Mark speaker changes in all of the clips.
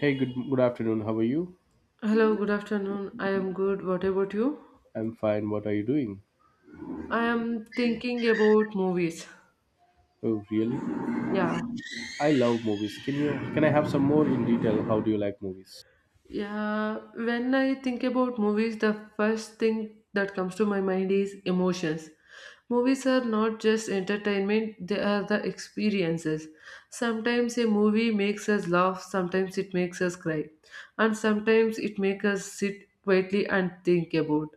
Speaker 1: Hey, good afternoon. How are you?
Speaker 2: Hello, good afternoon. I am good. What about you?
Speaker 1: I'm fine. What are you doing?
Speaker 2: I am thinking about movies.
Speaker 1: Oh, really?
Speaker 2: Yeah.
Speaker 1: I love movies. Can I have some more in detail? How do you like movies?
Speaker 2: Yeah. When I think about movies, the first thing that comes to my mind is emotions. Movies are not just entertainment, they are the experiences. Sometimes a movie makes us laugh, sometimes it makes us cry, and sometimes it makes us sit quietly and think about.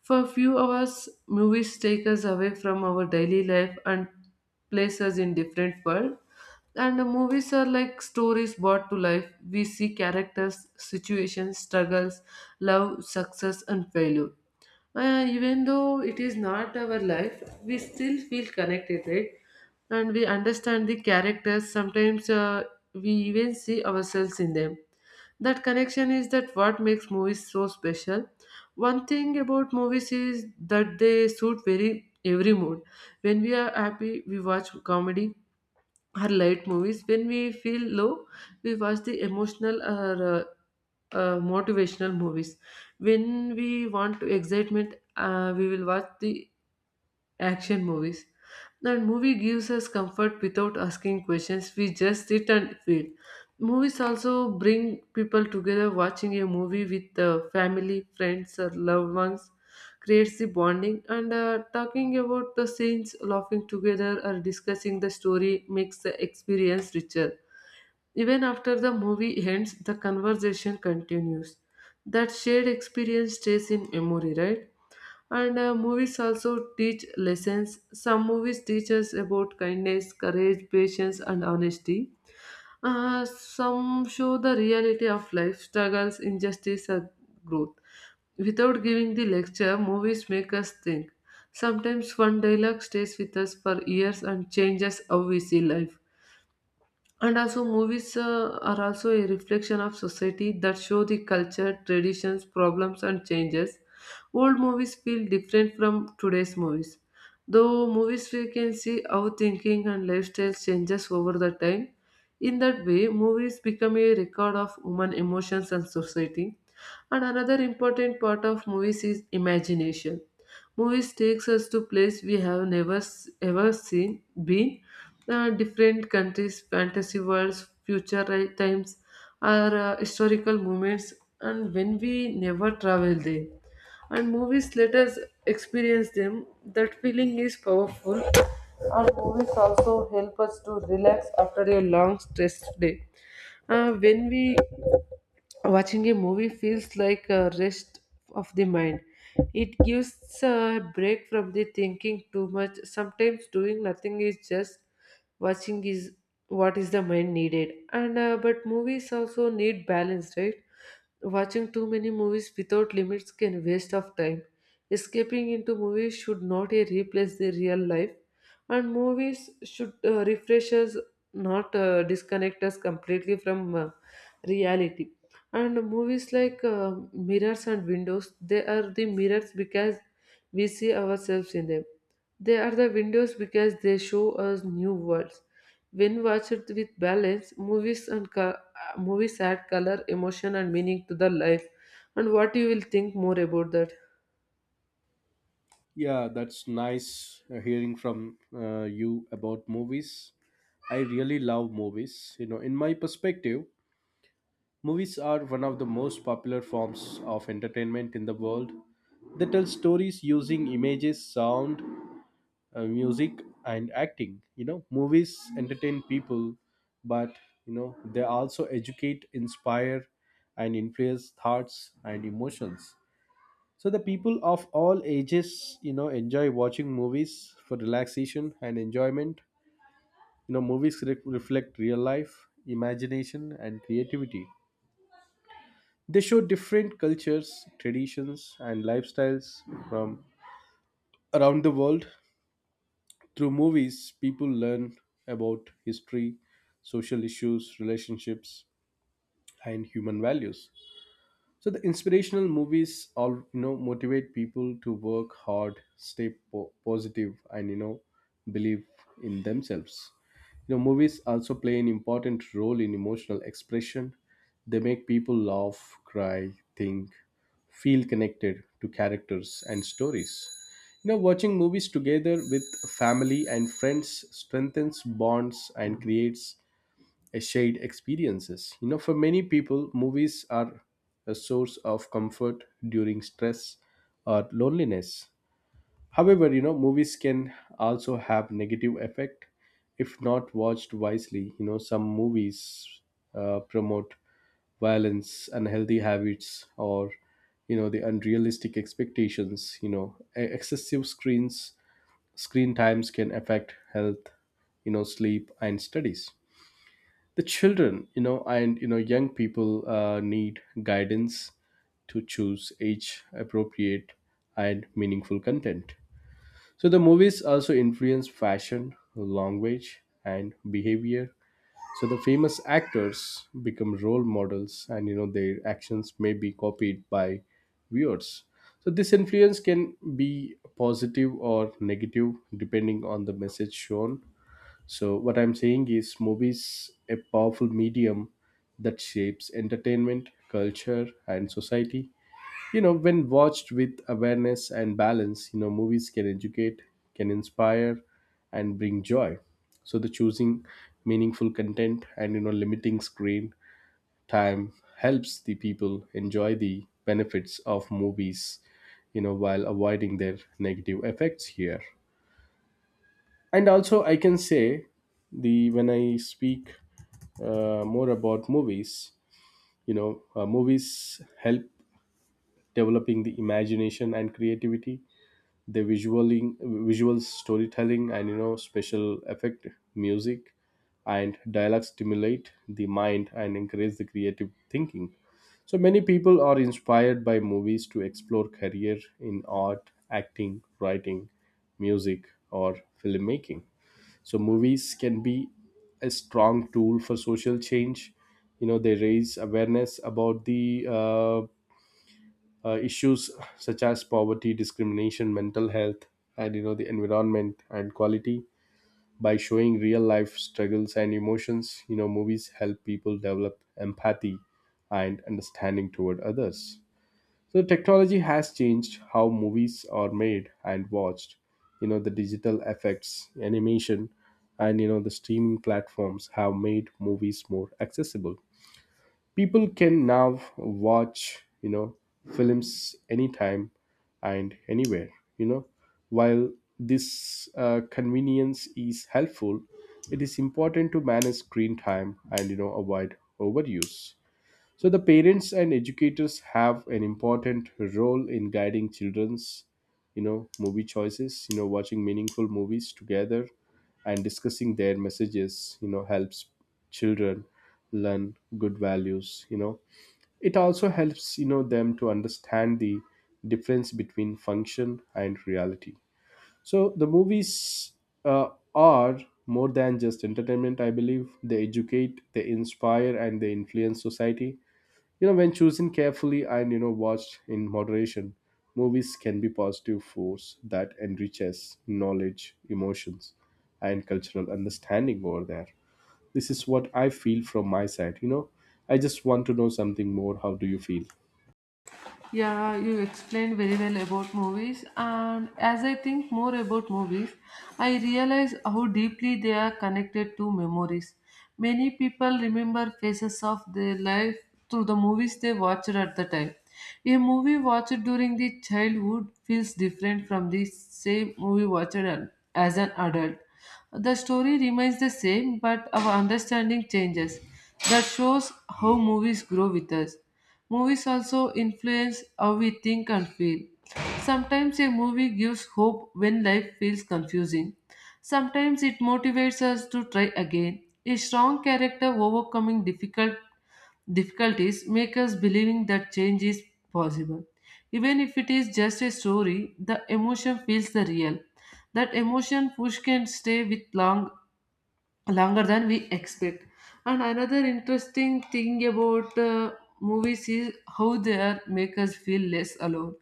Speaker 2: For a few hours, movies take us away from our daily life and place us in different world. And the movies are like stories brought to life. We see characters, situations, struggles, love, success, and failure. Even though it is not our life, we still feel connected, right? And we understand the characters. Sometimes we even see ourselves in them. That connection is that what makes movies so special. One thing about movies is that they suit very every mood. When we are happy, we watch comedy or light movies. When we feel low, we watch the emotional or motivational movies. When we want to excitement, we will watch the action movies. That movie gives us comfort without asking questions. We just sit and feel. Movies also bring people together. Watching a movie with the family, friends, or loved ones creates the bonding. And talking about the scenes, laughing together, or discussing the story makes the experience richer. Even after the movie ends, the conversation continues. That shared experience stays in memory, right? And movies also teach lessons. Some movies teach us about kindness, courage, patience, and honesty. Some show the reality of life, struggles, injustice, and growth. Without giving the lecture, movies make us think. Sometimes one dialogue stays with us for years and changes how we see life. And also, movies are also a reflection of society that show the culture, traditions, problems, and changes. Old movies feel different from today's movies. Though movies we can see how thinking and lifestyle changes over the time. In that way, movies become a record of human emotions and society. And another important part of movies is imagination. Movies takes us to place we have never ever seen, been, different countries, fantasy worlds, future times, or historical moments, and when we never travel there. And movies let us experience them. That feeling is powerful. And movies also help us to relax after a long stressed day. When we watching a movie feels like a rest of the mind. It gives a break from the thinking too much. Sometimes doing nothing is just watching is what is the mind needed. And but movies also need balance, right? Watching too many movies without limits can waste of time. Escaping into movies should not replace the real life, and movies should refresh us, not disconnect us completely from reality. And movies like mirrors and windows. They are the mirrors because we see ourselves in them. They are the windows because they show us new worlds. When watched with balance, movies and movies add color, emotion, and meaning to the life. And what you will think more about that?
Speaker 1: Yeah, that's nice hearing from you about movies. I really love movies. In my perspective, movies are one of the most popular forms of entertainment in the world. They tell stories using images, sound, music, and acting. Movies entertain people, but they also educate, inspire, and influence thoughts and emotions. So the people of all ages enjoy watching movies for relaxation and enjoyment. Movies reflect real life, imagination, and creativity. They show different cultures, traditions, and lifestyles from around the world. Through movies, people learn about history, social issues, relationships, and human values. So the inspirational movies all motivate people to work hard, stay positive, and believe in themselves. You know, movies also play an important role in emotional expression. They make people laugh, cry, think, feel connected to characters and stories. Watching movies together with family and friends strengthens bonds and creates a shared experiences. For many people movies are a source of comfort during stress or loneliness. However, movies can also have negative effect if not watched wisely. Some movies promote violence, unhealthy habits, or the unrealistic expectations. Excessive screen times can affect health, sleep, and studies. The children, and young people need guidance to choose age appropriate and meaningful content. So the movies also influence fashion, language, and behavior. So the famous actors become role models, and their actions may be copied by viewers. So this influence can be positive or negative depending on the message shown. So what I'm saying is movies a powerful medium that shapes entertainment, culture, and society. You know, when watched with awareness and balance, movies can educate, can inspire, and bring joy. So the choosing meaningful content and limiting screen time helps the people enjoy the benefits of movies, while avoiding their negative effects here. And also I can say, the when I speak more about movies, movies help developing the imagination and creativity. The visual storytelling and special effect, music, and dialogue stimulate the mind and encourage the creative thinking. So many people are inspired by movies to explore career in art, acting, writing, music, or filmmaking. So movies can be a strong tool for social change. They raise awareness about the issues such as poverty, discrimination, mental health, and the environment and quality. By showing real life struggles and emotions, movies help people develop empathy and understanding toward others. So technology has changed how movies are made and watched. You know, the digital effects, animation, and the streaming platforms have made movies more accessible. People can now watch, films anytime and anywhere. You know, while this convenience is helpful, it is important to manage screen time and avoid overuse. So, the parents and educators have an important role in guiding children's, movie choices. Watching meaningful movies together and discussing their messages, helps children learn good values. It also helps, them to understand the difference between function and reality. So, the movies are more than just entertainment, I believe. They educate, they inspire, and they influence society. When chosen carefully and watched in moderation, movies can be positive force that enriches knowledge, emotions, and cultural understanding over there. This is what I feel from my side. I just want to know something more. How do you feel?
Speaker 2: Yeah, you explained very well about movies, and as I think more about movies, I realize how deeply they are connected to memories. Many people remember phases of their life through the movies they watched at the time. A movie watched during the childhood feels different from the same movie watched as an adult. The story remains the same, but our understanding changes. That shows how movies grow with us. Movies also influence how we think and feel. Sometimes a movie gives hope when life feels confusing. Sometimes it motivates us to try again. A strong character overcoming difficulties make us believing that change is possible. Even if it is just a story, the emotion feels the real. That emotion push can stay with longer than we expect. And another interesting thing about movies is how they make us feel less alone.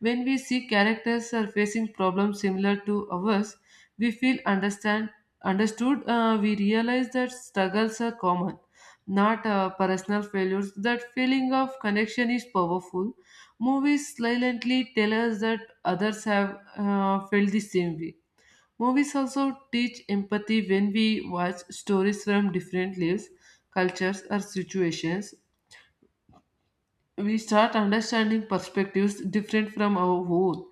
Speaker 2: When we see characters are facing problems similar to ours, we feel understand understood. We realize that struggles are common, not personal failures. That feeling of connection is powerful. Movies silently tell us that others have felt the same way. Movies also teach empathy when we watch stories from different lives, cultures, or situations. We start understanding perspectives different from our own.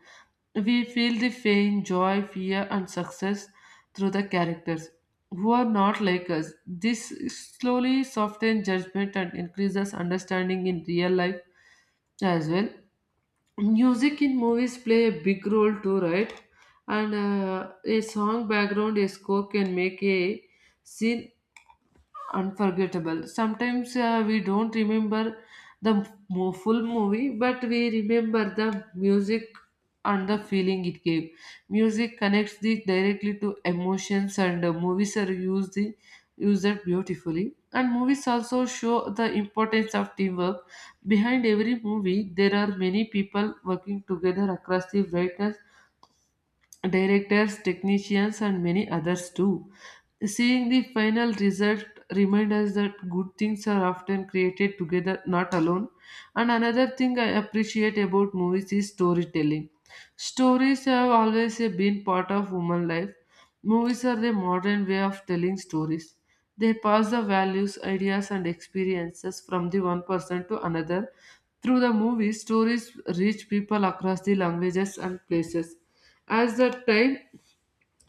Speaker 2: We feel the pain, joy, fear, and success through the characters who are not like us. This slowly softens judgment and increases understanding in real life as well. Music in movies play a big role too, right? And a song, background, a score can make a scene unforgettable. Sometimes we don't remember the full movie, but we remember the music and the feeling it gave. Music connects the directly to emotions, and movies are used the use that beautifully. And movies also show the importance of teamwork. Behind every movie, there are many people working together across the writers, directors, technicians, and many others too. Seeing the final result reminds us that good things are often created together, not alone. And another thing I appreciate about movies is storytelling. Stories have always been part of human life. Movies are the modern way of telling stories. They pass the values, ideas, and experiences from the one person to another. Through the movies, stories reach people across the languages and places. As the time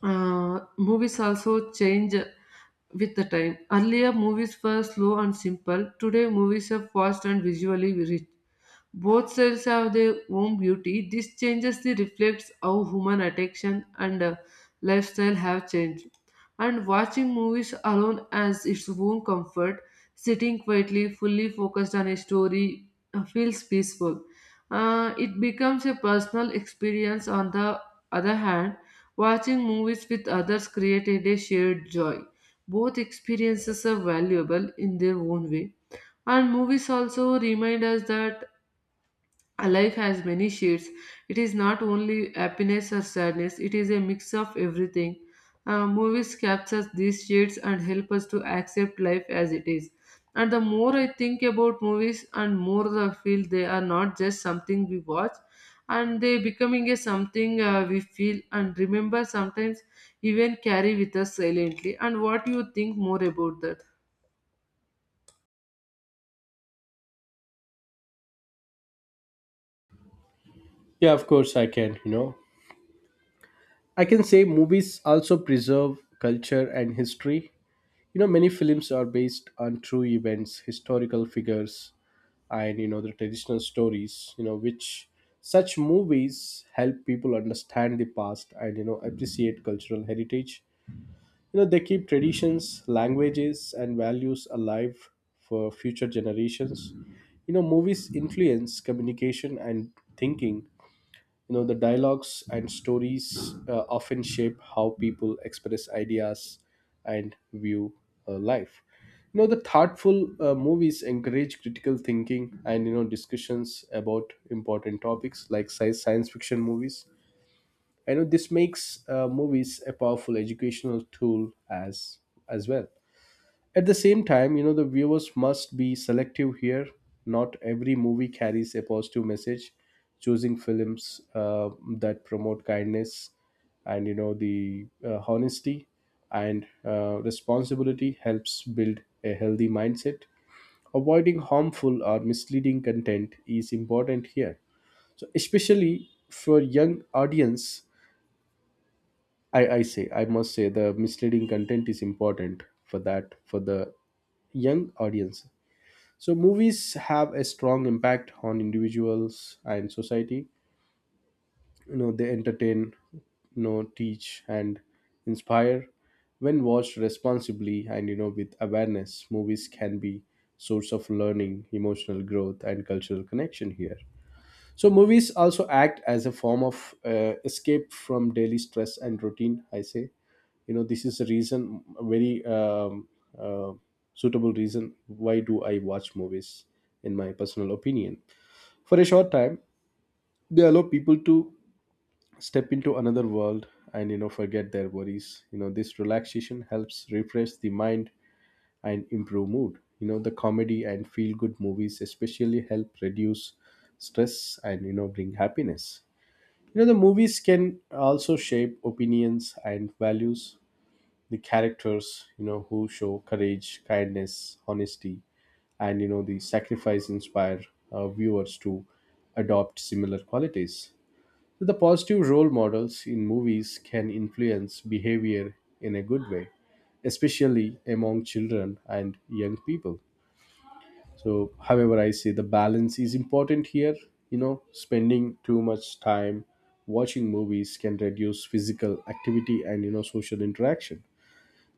Speaker 2: movies also change with the time. Earlier movies were slow and simple. Today movies are fast and visually rich. Both sides have their own beauty. This changes the reflects how human attention and lifestyle have changed. And watching movies alone as its own comfort, sitting quietly, fully focused on a story, feels peaceful. It becomes a personal experience. On the other hand, watching movies with others created a shared joy. Both experiences are valuable in their own way. And movies also remind us that life has many shades. It is not only happiness or sadness, it is a mix of everything. Movies capture these shades and help us to accept life as it is. And the more I think about movies, and more I feel they are not just something we watch, and they becoming a something we feel and remember sometimes even carry with us silently. And what you think more about that?
Speaker 1: Yeah, of course I can. I can say movies also preserve culture and history. Many films are based on true events, historical figures, and the traditional stories, which such movies help people understand the past and appreciate cultural heritage. They keep traditions, languages, and values alive for future generations. Movies influence communication and thinking. The dialogues and stories often shape how people express ideas and view life. The thoughtful movies encourage critical thinking and discussions about important topics like science fiction movies. I know this makes movies a powerful educational tool as well. At the same time, the viewers must be selective here. Not every movie carries a positive message. Choosing films that promote kindness and, the honesty and responsibility helps build a healthy mindset. Avoiding harmful or misleading content is important here. So, especially for young audience, I must say the misleading content is important for that for the young audience. So movies have a strong impact on individuals and society. They entertain, teach, and inspire. When watched responsibly and with awareness, movies can be source of learning, emotional growth, and cultural connection here. So movies also act as a form of escape from daily stress and routine. I say, this is a reason, a very uh, suitable reason why do I watch movies, in my personal opinion. For a short time, they allow people to step into another world and forget their worries. You know, this relaxation helps refresh the mind and improve mood. You know, the comedy and feel good movies especially help reduce stress and bring happiness. The movies can also shape opinions and values. The characters, who show courage, kindness, honesty, and, the sacrifice inspire viewers to adopt similar qualities. So the positive role models in movies can influence behavior in a good way, especially among children and young people. So however I say the balance is important here. Spending too much time watching movies can reduce physical activity and social interaction.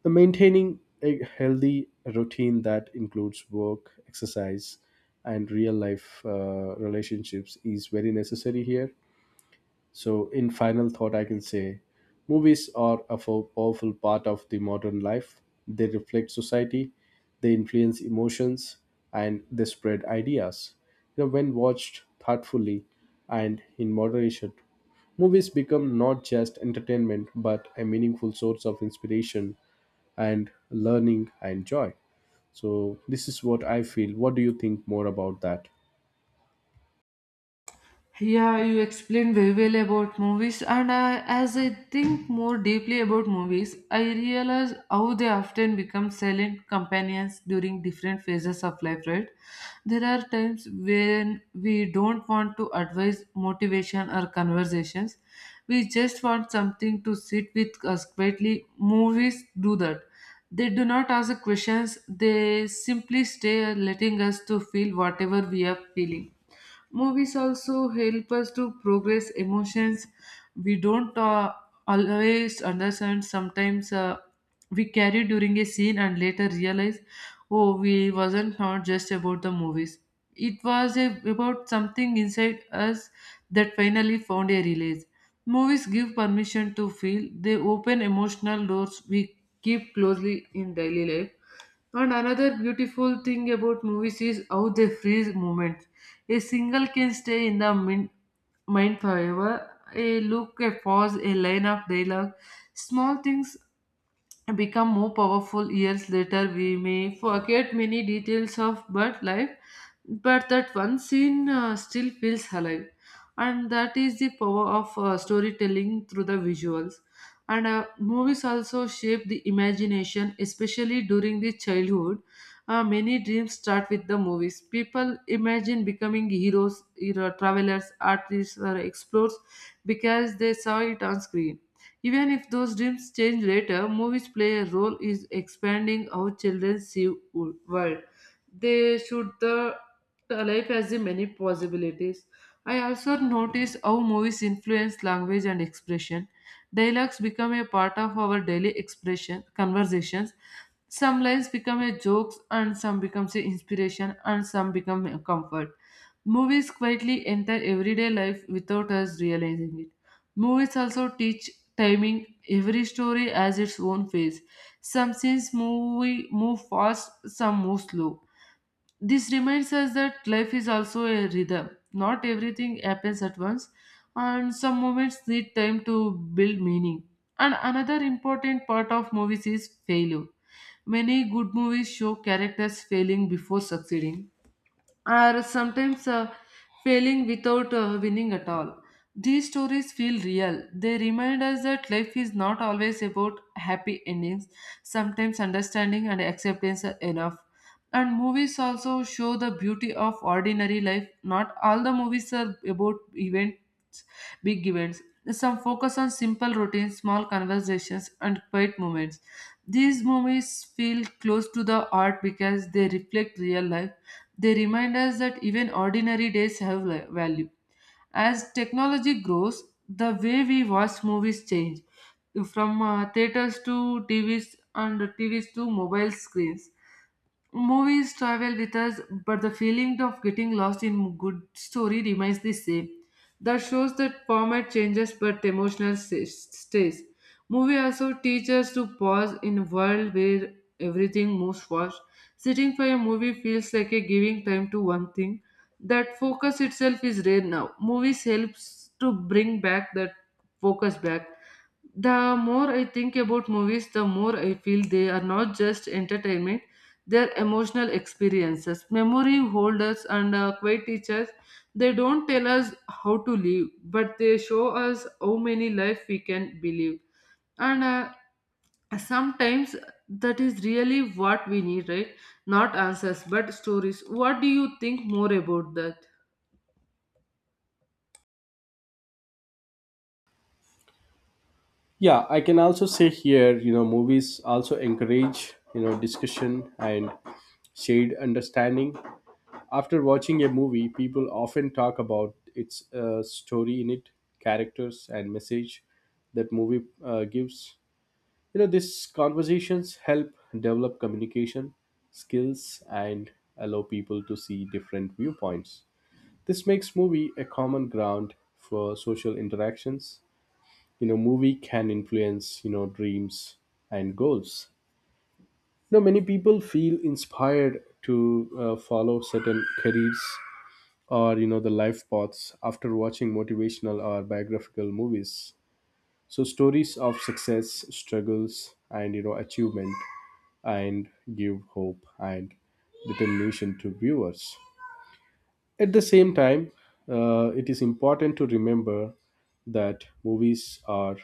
Speaker 1: The maintaining a healthy routine that includes work, exercise, and real life relationships is very necessary here. So, in final thought, I can say movies are a powerful part of the modern life. They reflect society, they influence emotions, and they spread ideas. You know, when watched thoughtfully and in moderation, movies become not just entertainment but a meaningful source of inspiration and learning and joy. So, this is what I feel. What do you think more about that?
Speaker 2: Yeah, you explained very well about movies, and as I think more deeply about movies, I realize how they often become silent companions during different phases of life, right? There are times when we don't want to advise motivation or conversations, we just want something to sit with us quietly. Movies do that. They do not ask questions, they simply stay letting us to feel whatever we are feeling. Movies also help us to progress emotions we don't always understand. Sometimes we carry during a scene and later realize, oh, we wasn't not just about the movies. It was a, about something inside us that finally found a release. Movies give permission to feel. They open emotional doors we keep closely in daily life. And another beautiful thing about movies is how they freeze moments. A single can stay in the mind forever. A look, a pause, a line of dialogue. Small things become more powerful years later. We may forget many details of bird life, but that one scene still feels alive. And that is the power of storytelling through the visuals. And movies also shape the imagination, especially during the childhood. Many dreams start with the movies. People imagine becoming hero, travelers, artists, or explorers because they saw it on screen. Even if those dreams change later, movies play a role in expanding how children see world. They should the life has the many possibilities. I also notice how movies influence language and expression. Dialogues become a part of our daily expression conversations. Some lines become a jokes, and some becomes a inspiration, and some become a comfort. Movies quietly enter everyday life without us realizing it. Movies also teach timing. Every story has its own pace. Some scenes move fast, some move slow. This reminds us that life is also a rhythm. Not everything happens at once, and some moments need time to build meaning. And another important part of movies is failure. Many good movies show characters failing before succeeding are sometimes failing without winning at all. These stories feel real. They remind us that life is not always about happy endings. Sometimes understanding and acceptance are enough. And movies also show the beauty of ordinary life. Not all the movies are about events, big events. Some focus on simple routines, small conversations, and quiet moments. These movies feel close to the art because they reflect real life. They remind us that even ordinary days have value. As technology grows, the way we watch movies change from theaters to TVs and TVs to mobile screens. Movies travel with us, but the feeling of getting lost in good story remains the same. That shows that format changes, but emotional stays. Movie also teaches to pause in a world where everything moves fast. Sitting for a movie feels like a giving time to one thing. That focus itself is rare now. Movies helps to bring back that focus back. The more I think about movies, the more I feel they are not just entertainment their emotional experiences. Memory holders and quiet teachers, they don't tell us how to live, but they show us how many life we can believe. And sometimes that is really what we need, right? Not answers, but stories. What do you think more about that?
Speaker 1: Yeah, I can also say here, movies also encourage discussion and shared understanding. After watching a movie, people often talk about its story in it, characters, and message that movie gives. These conversations help develop communication skills and allow people to see different viewpoints. This makes movie a common ground for social interactions. Movie can influence dreams and goals. Many people feel inspired to follow certain careers or the life paths after watching motivational or biographical movies. So stories of success, struggles, and achievement and give hope and determination to viewers. At the same time, it is important to remember that movies are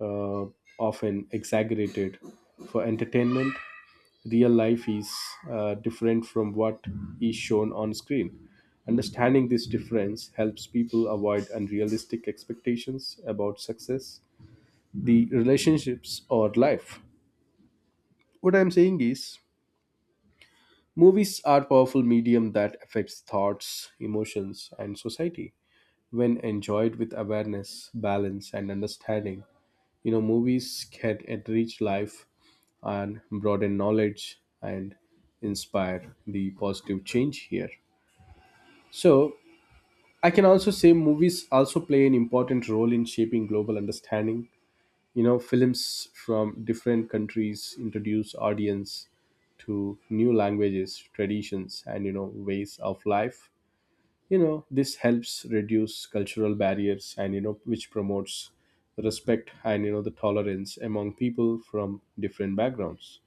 Speaker 1: uh, often exaggerated for entertainment. Real life is different from what is shown on screen. Understanding this difference helps people avoid unrealistic expectations about success, the relationships, or life. What I'm saying is, movies are powerful medium that affects thoughts, emotions, and society, when enjoyed with awareness, balance, and understanding. Movies can enrich life and broaden knowledge and inspire the positive change here. So, I can also say movies also play an important role in shaping global understanding. You know, films from different countries introduce audience to new languages, traditions, and ways of life. This helps reduce cultural barriers and which promotes respect and the tolerance among people from different backgrounds.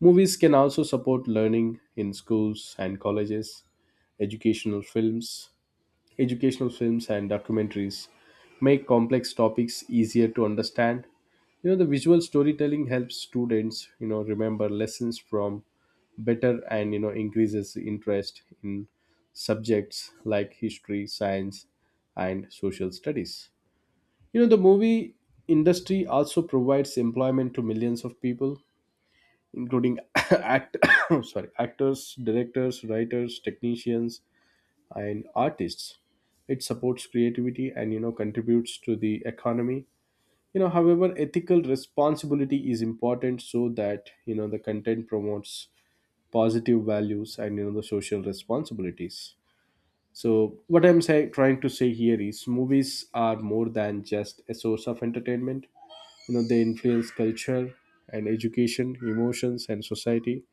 Speaker 1: Movies can also support learning in schools and colleges. Educational films educational films and documentaries make complex topics easier to understand. The visual storytelling helps students remember lessons from better and increases interest in subjects like history, science, and social studies. The movie industry also provides employment to millions of people, including act sorry, actors, directors, writers, technicians, and artists. It supports creativity and contributes to the economy. However, ethical responsibility is important so that the content promotes positive values and the social responsibilities. So what I'm trying to say here is movies are more than just a source of entertainment. They influence culture and education, emotions, and society.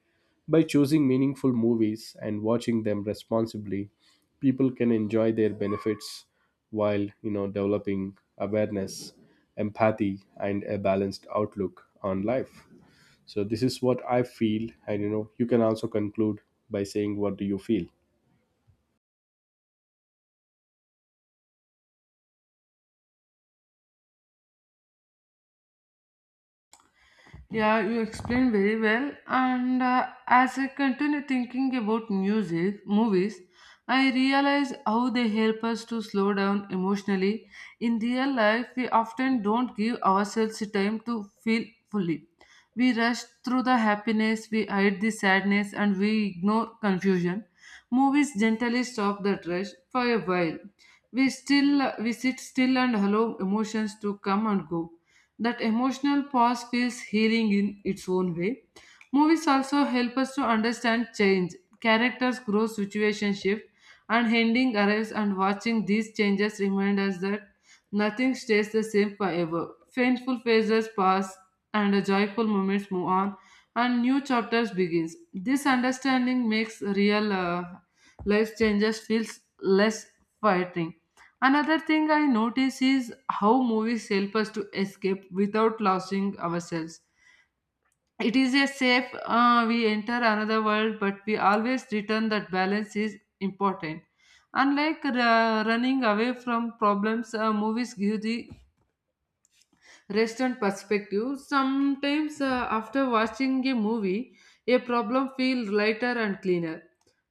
Speaker 1: By choosing meaningful movies and watching them responsibly, people can enjoy their benefits while developing awareness, empathy, and a balanced outlook on life. So this is what I feel, and you can also conclude by saying what do you feel.
Speaker 2: Yeah, you explained very well. And as I continue thinking about music, movies, I realize how they help us to slow down emotionally. In real life, we often don't give ourselves time to feel fully. We rush through the happiness, we hide the sadness, and we ignore confusion. Movies gently stop that rush for a while. We sit still and allow emotions to come and go. That emotional pause feels healing in its own way. Movies also help us to understand change. Characters grow, situations shift, and ending arrives. And watching these changes remind us that nothing stays the same forever. Painful phases pass, and the joyful moments move on, and new chapters begins. This understanding makes real life changes feels less frightening. Another thing I notice is how movies help us to escape without losing ourselves. It is a safe, we enter another world, but we always return that balance is important. Unlike running away from problems, movies give the rest and perspective. Sometimes, after watching a movie, a problem feels lighter and cleaner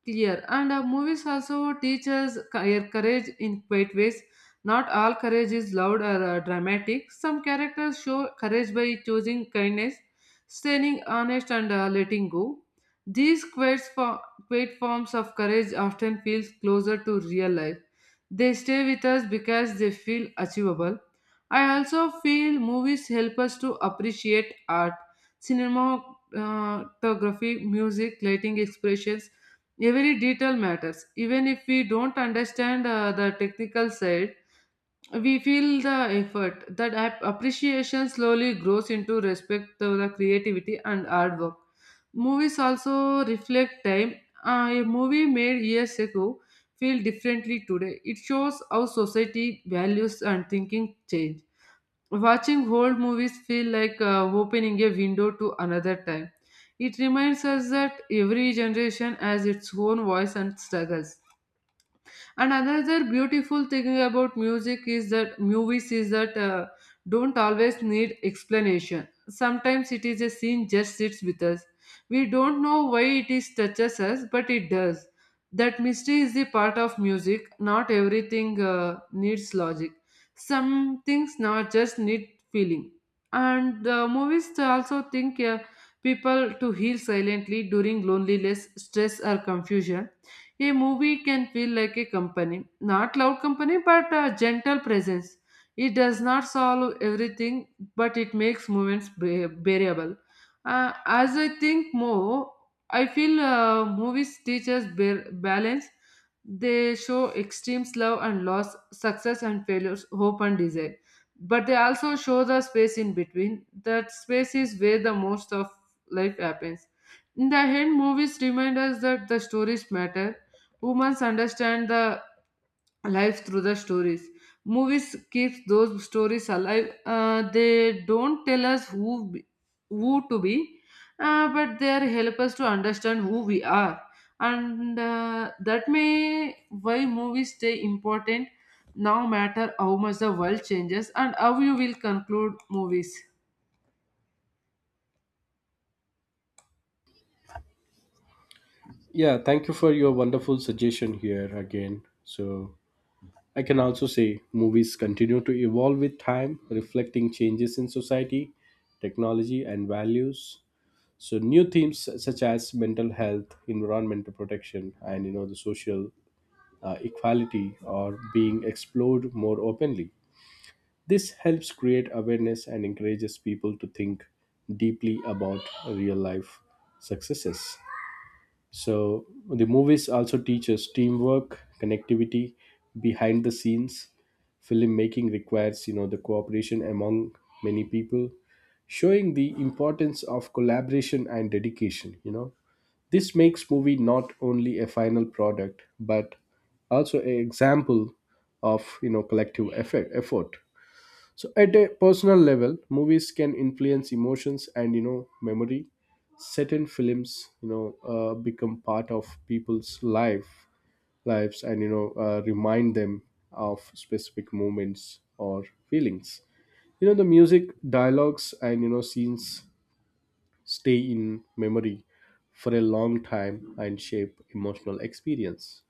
Speaker 2: clear and movies also teach us courage in quiet ways. Not all courage is loud or dramatic. Some characters show courage by choosing kindness, staying honest and letting go. These quiet forms of courage often feel closer to real life. They stay with us because they feel achievable. I also feel movies help us to appreciate art, cinematography, music, lighting, expressions. Every detail matters. Even if we don't understand the technical side, we feel the effort. That appreciation slowly grows into respect to the creativity and hard work. Movies also reflect time. A movie made years ago feel differently today. It shows how society values and thinking change. Watching old movies feel like opening a window to another time. It reminds us that every generation has its own voice and struggles. And another beautiful thing about music is that movies is that don't always need explanation. Sometimes it is a scene just sits with us. We don't know why it is touches us, but it does. That mystery is the part of music. Not everything needs logic. Some things now just need feeling. And movies also think people to heal silently during loneliness, stress or confusion. A movie can feel like a company, not loud company, but a gentle presence. It does not solve everything, but it makes movements bearable. As I think more, I feel movies teach us balance. They show extremes: love and loss, success and failures, hope and desire. But they also show the space in between. That space is where the most of life happens. In the end, movies remind us that the stories matter. Humans understand the life through the stories. Movies keeps those stories alive. They don't tell us who to be, but they are help us to understand who we are, and that may why movies stay important. Now matter how much the world changes and how you will conclude movies.
Speaker 1: Yeah, thank you for your wonderful suggestion here again. So I can also say movies continue to evolve with time, reflecting changes in society, technology, and values. So new themes such as mental health, environmental protection, and the social equality are being explored more openly. This helps create awareness and encourages people to think deeply about real life successes. So the movies also teach us teamwork, connectivity, behind the scenes. Filmmaking requires, the cooperation among many people, showing the importance of collaboration and dedication, This makes movie not only a final product but also an example of, collective effort. So at a personal level, movies can influence emotions and memory. Certain films, become part of people's life lives and remind them of specific moments or feelings. The music, dialogues, and scenes stay in memory for a long time and shape emotional experience.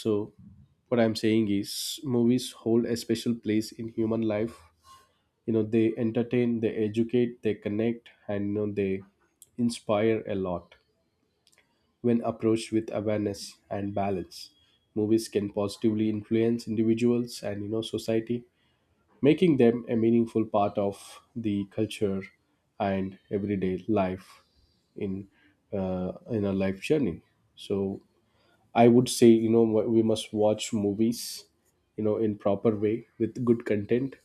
Speaker 1: So what I'm saying is movies hold a special place in human life. They entertain, they educate, they connect, and they inspire a lot. When approached with awareness and balance, movies can positively influence individuals and society, making them a meaningful part of the culture and everyday life. In a life journey. So I would say, we must watch movies, in proper way with good content.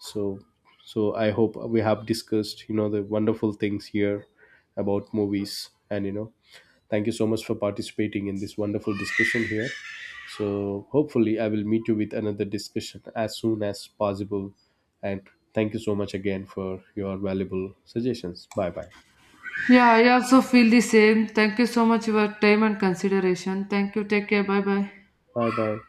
Speaker 1: So so I hope we have discussed, the wonderful things here about movies. And thank you so much for participating in this wonderful discussion here. So hopefully I will meet you with another discussion as soon as possible. And thank you so much again for your valuable suggestions. Bye bye,
Speaker 2: Yeah, I also feel the same. Thank you so much for your time and consideration. Thank you. Take care. Bye bye.
Speaker 1: bye bye.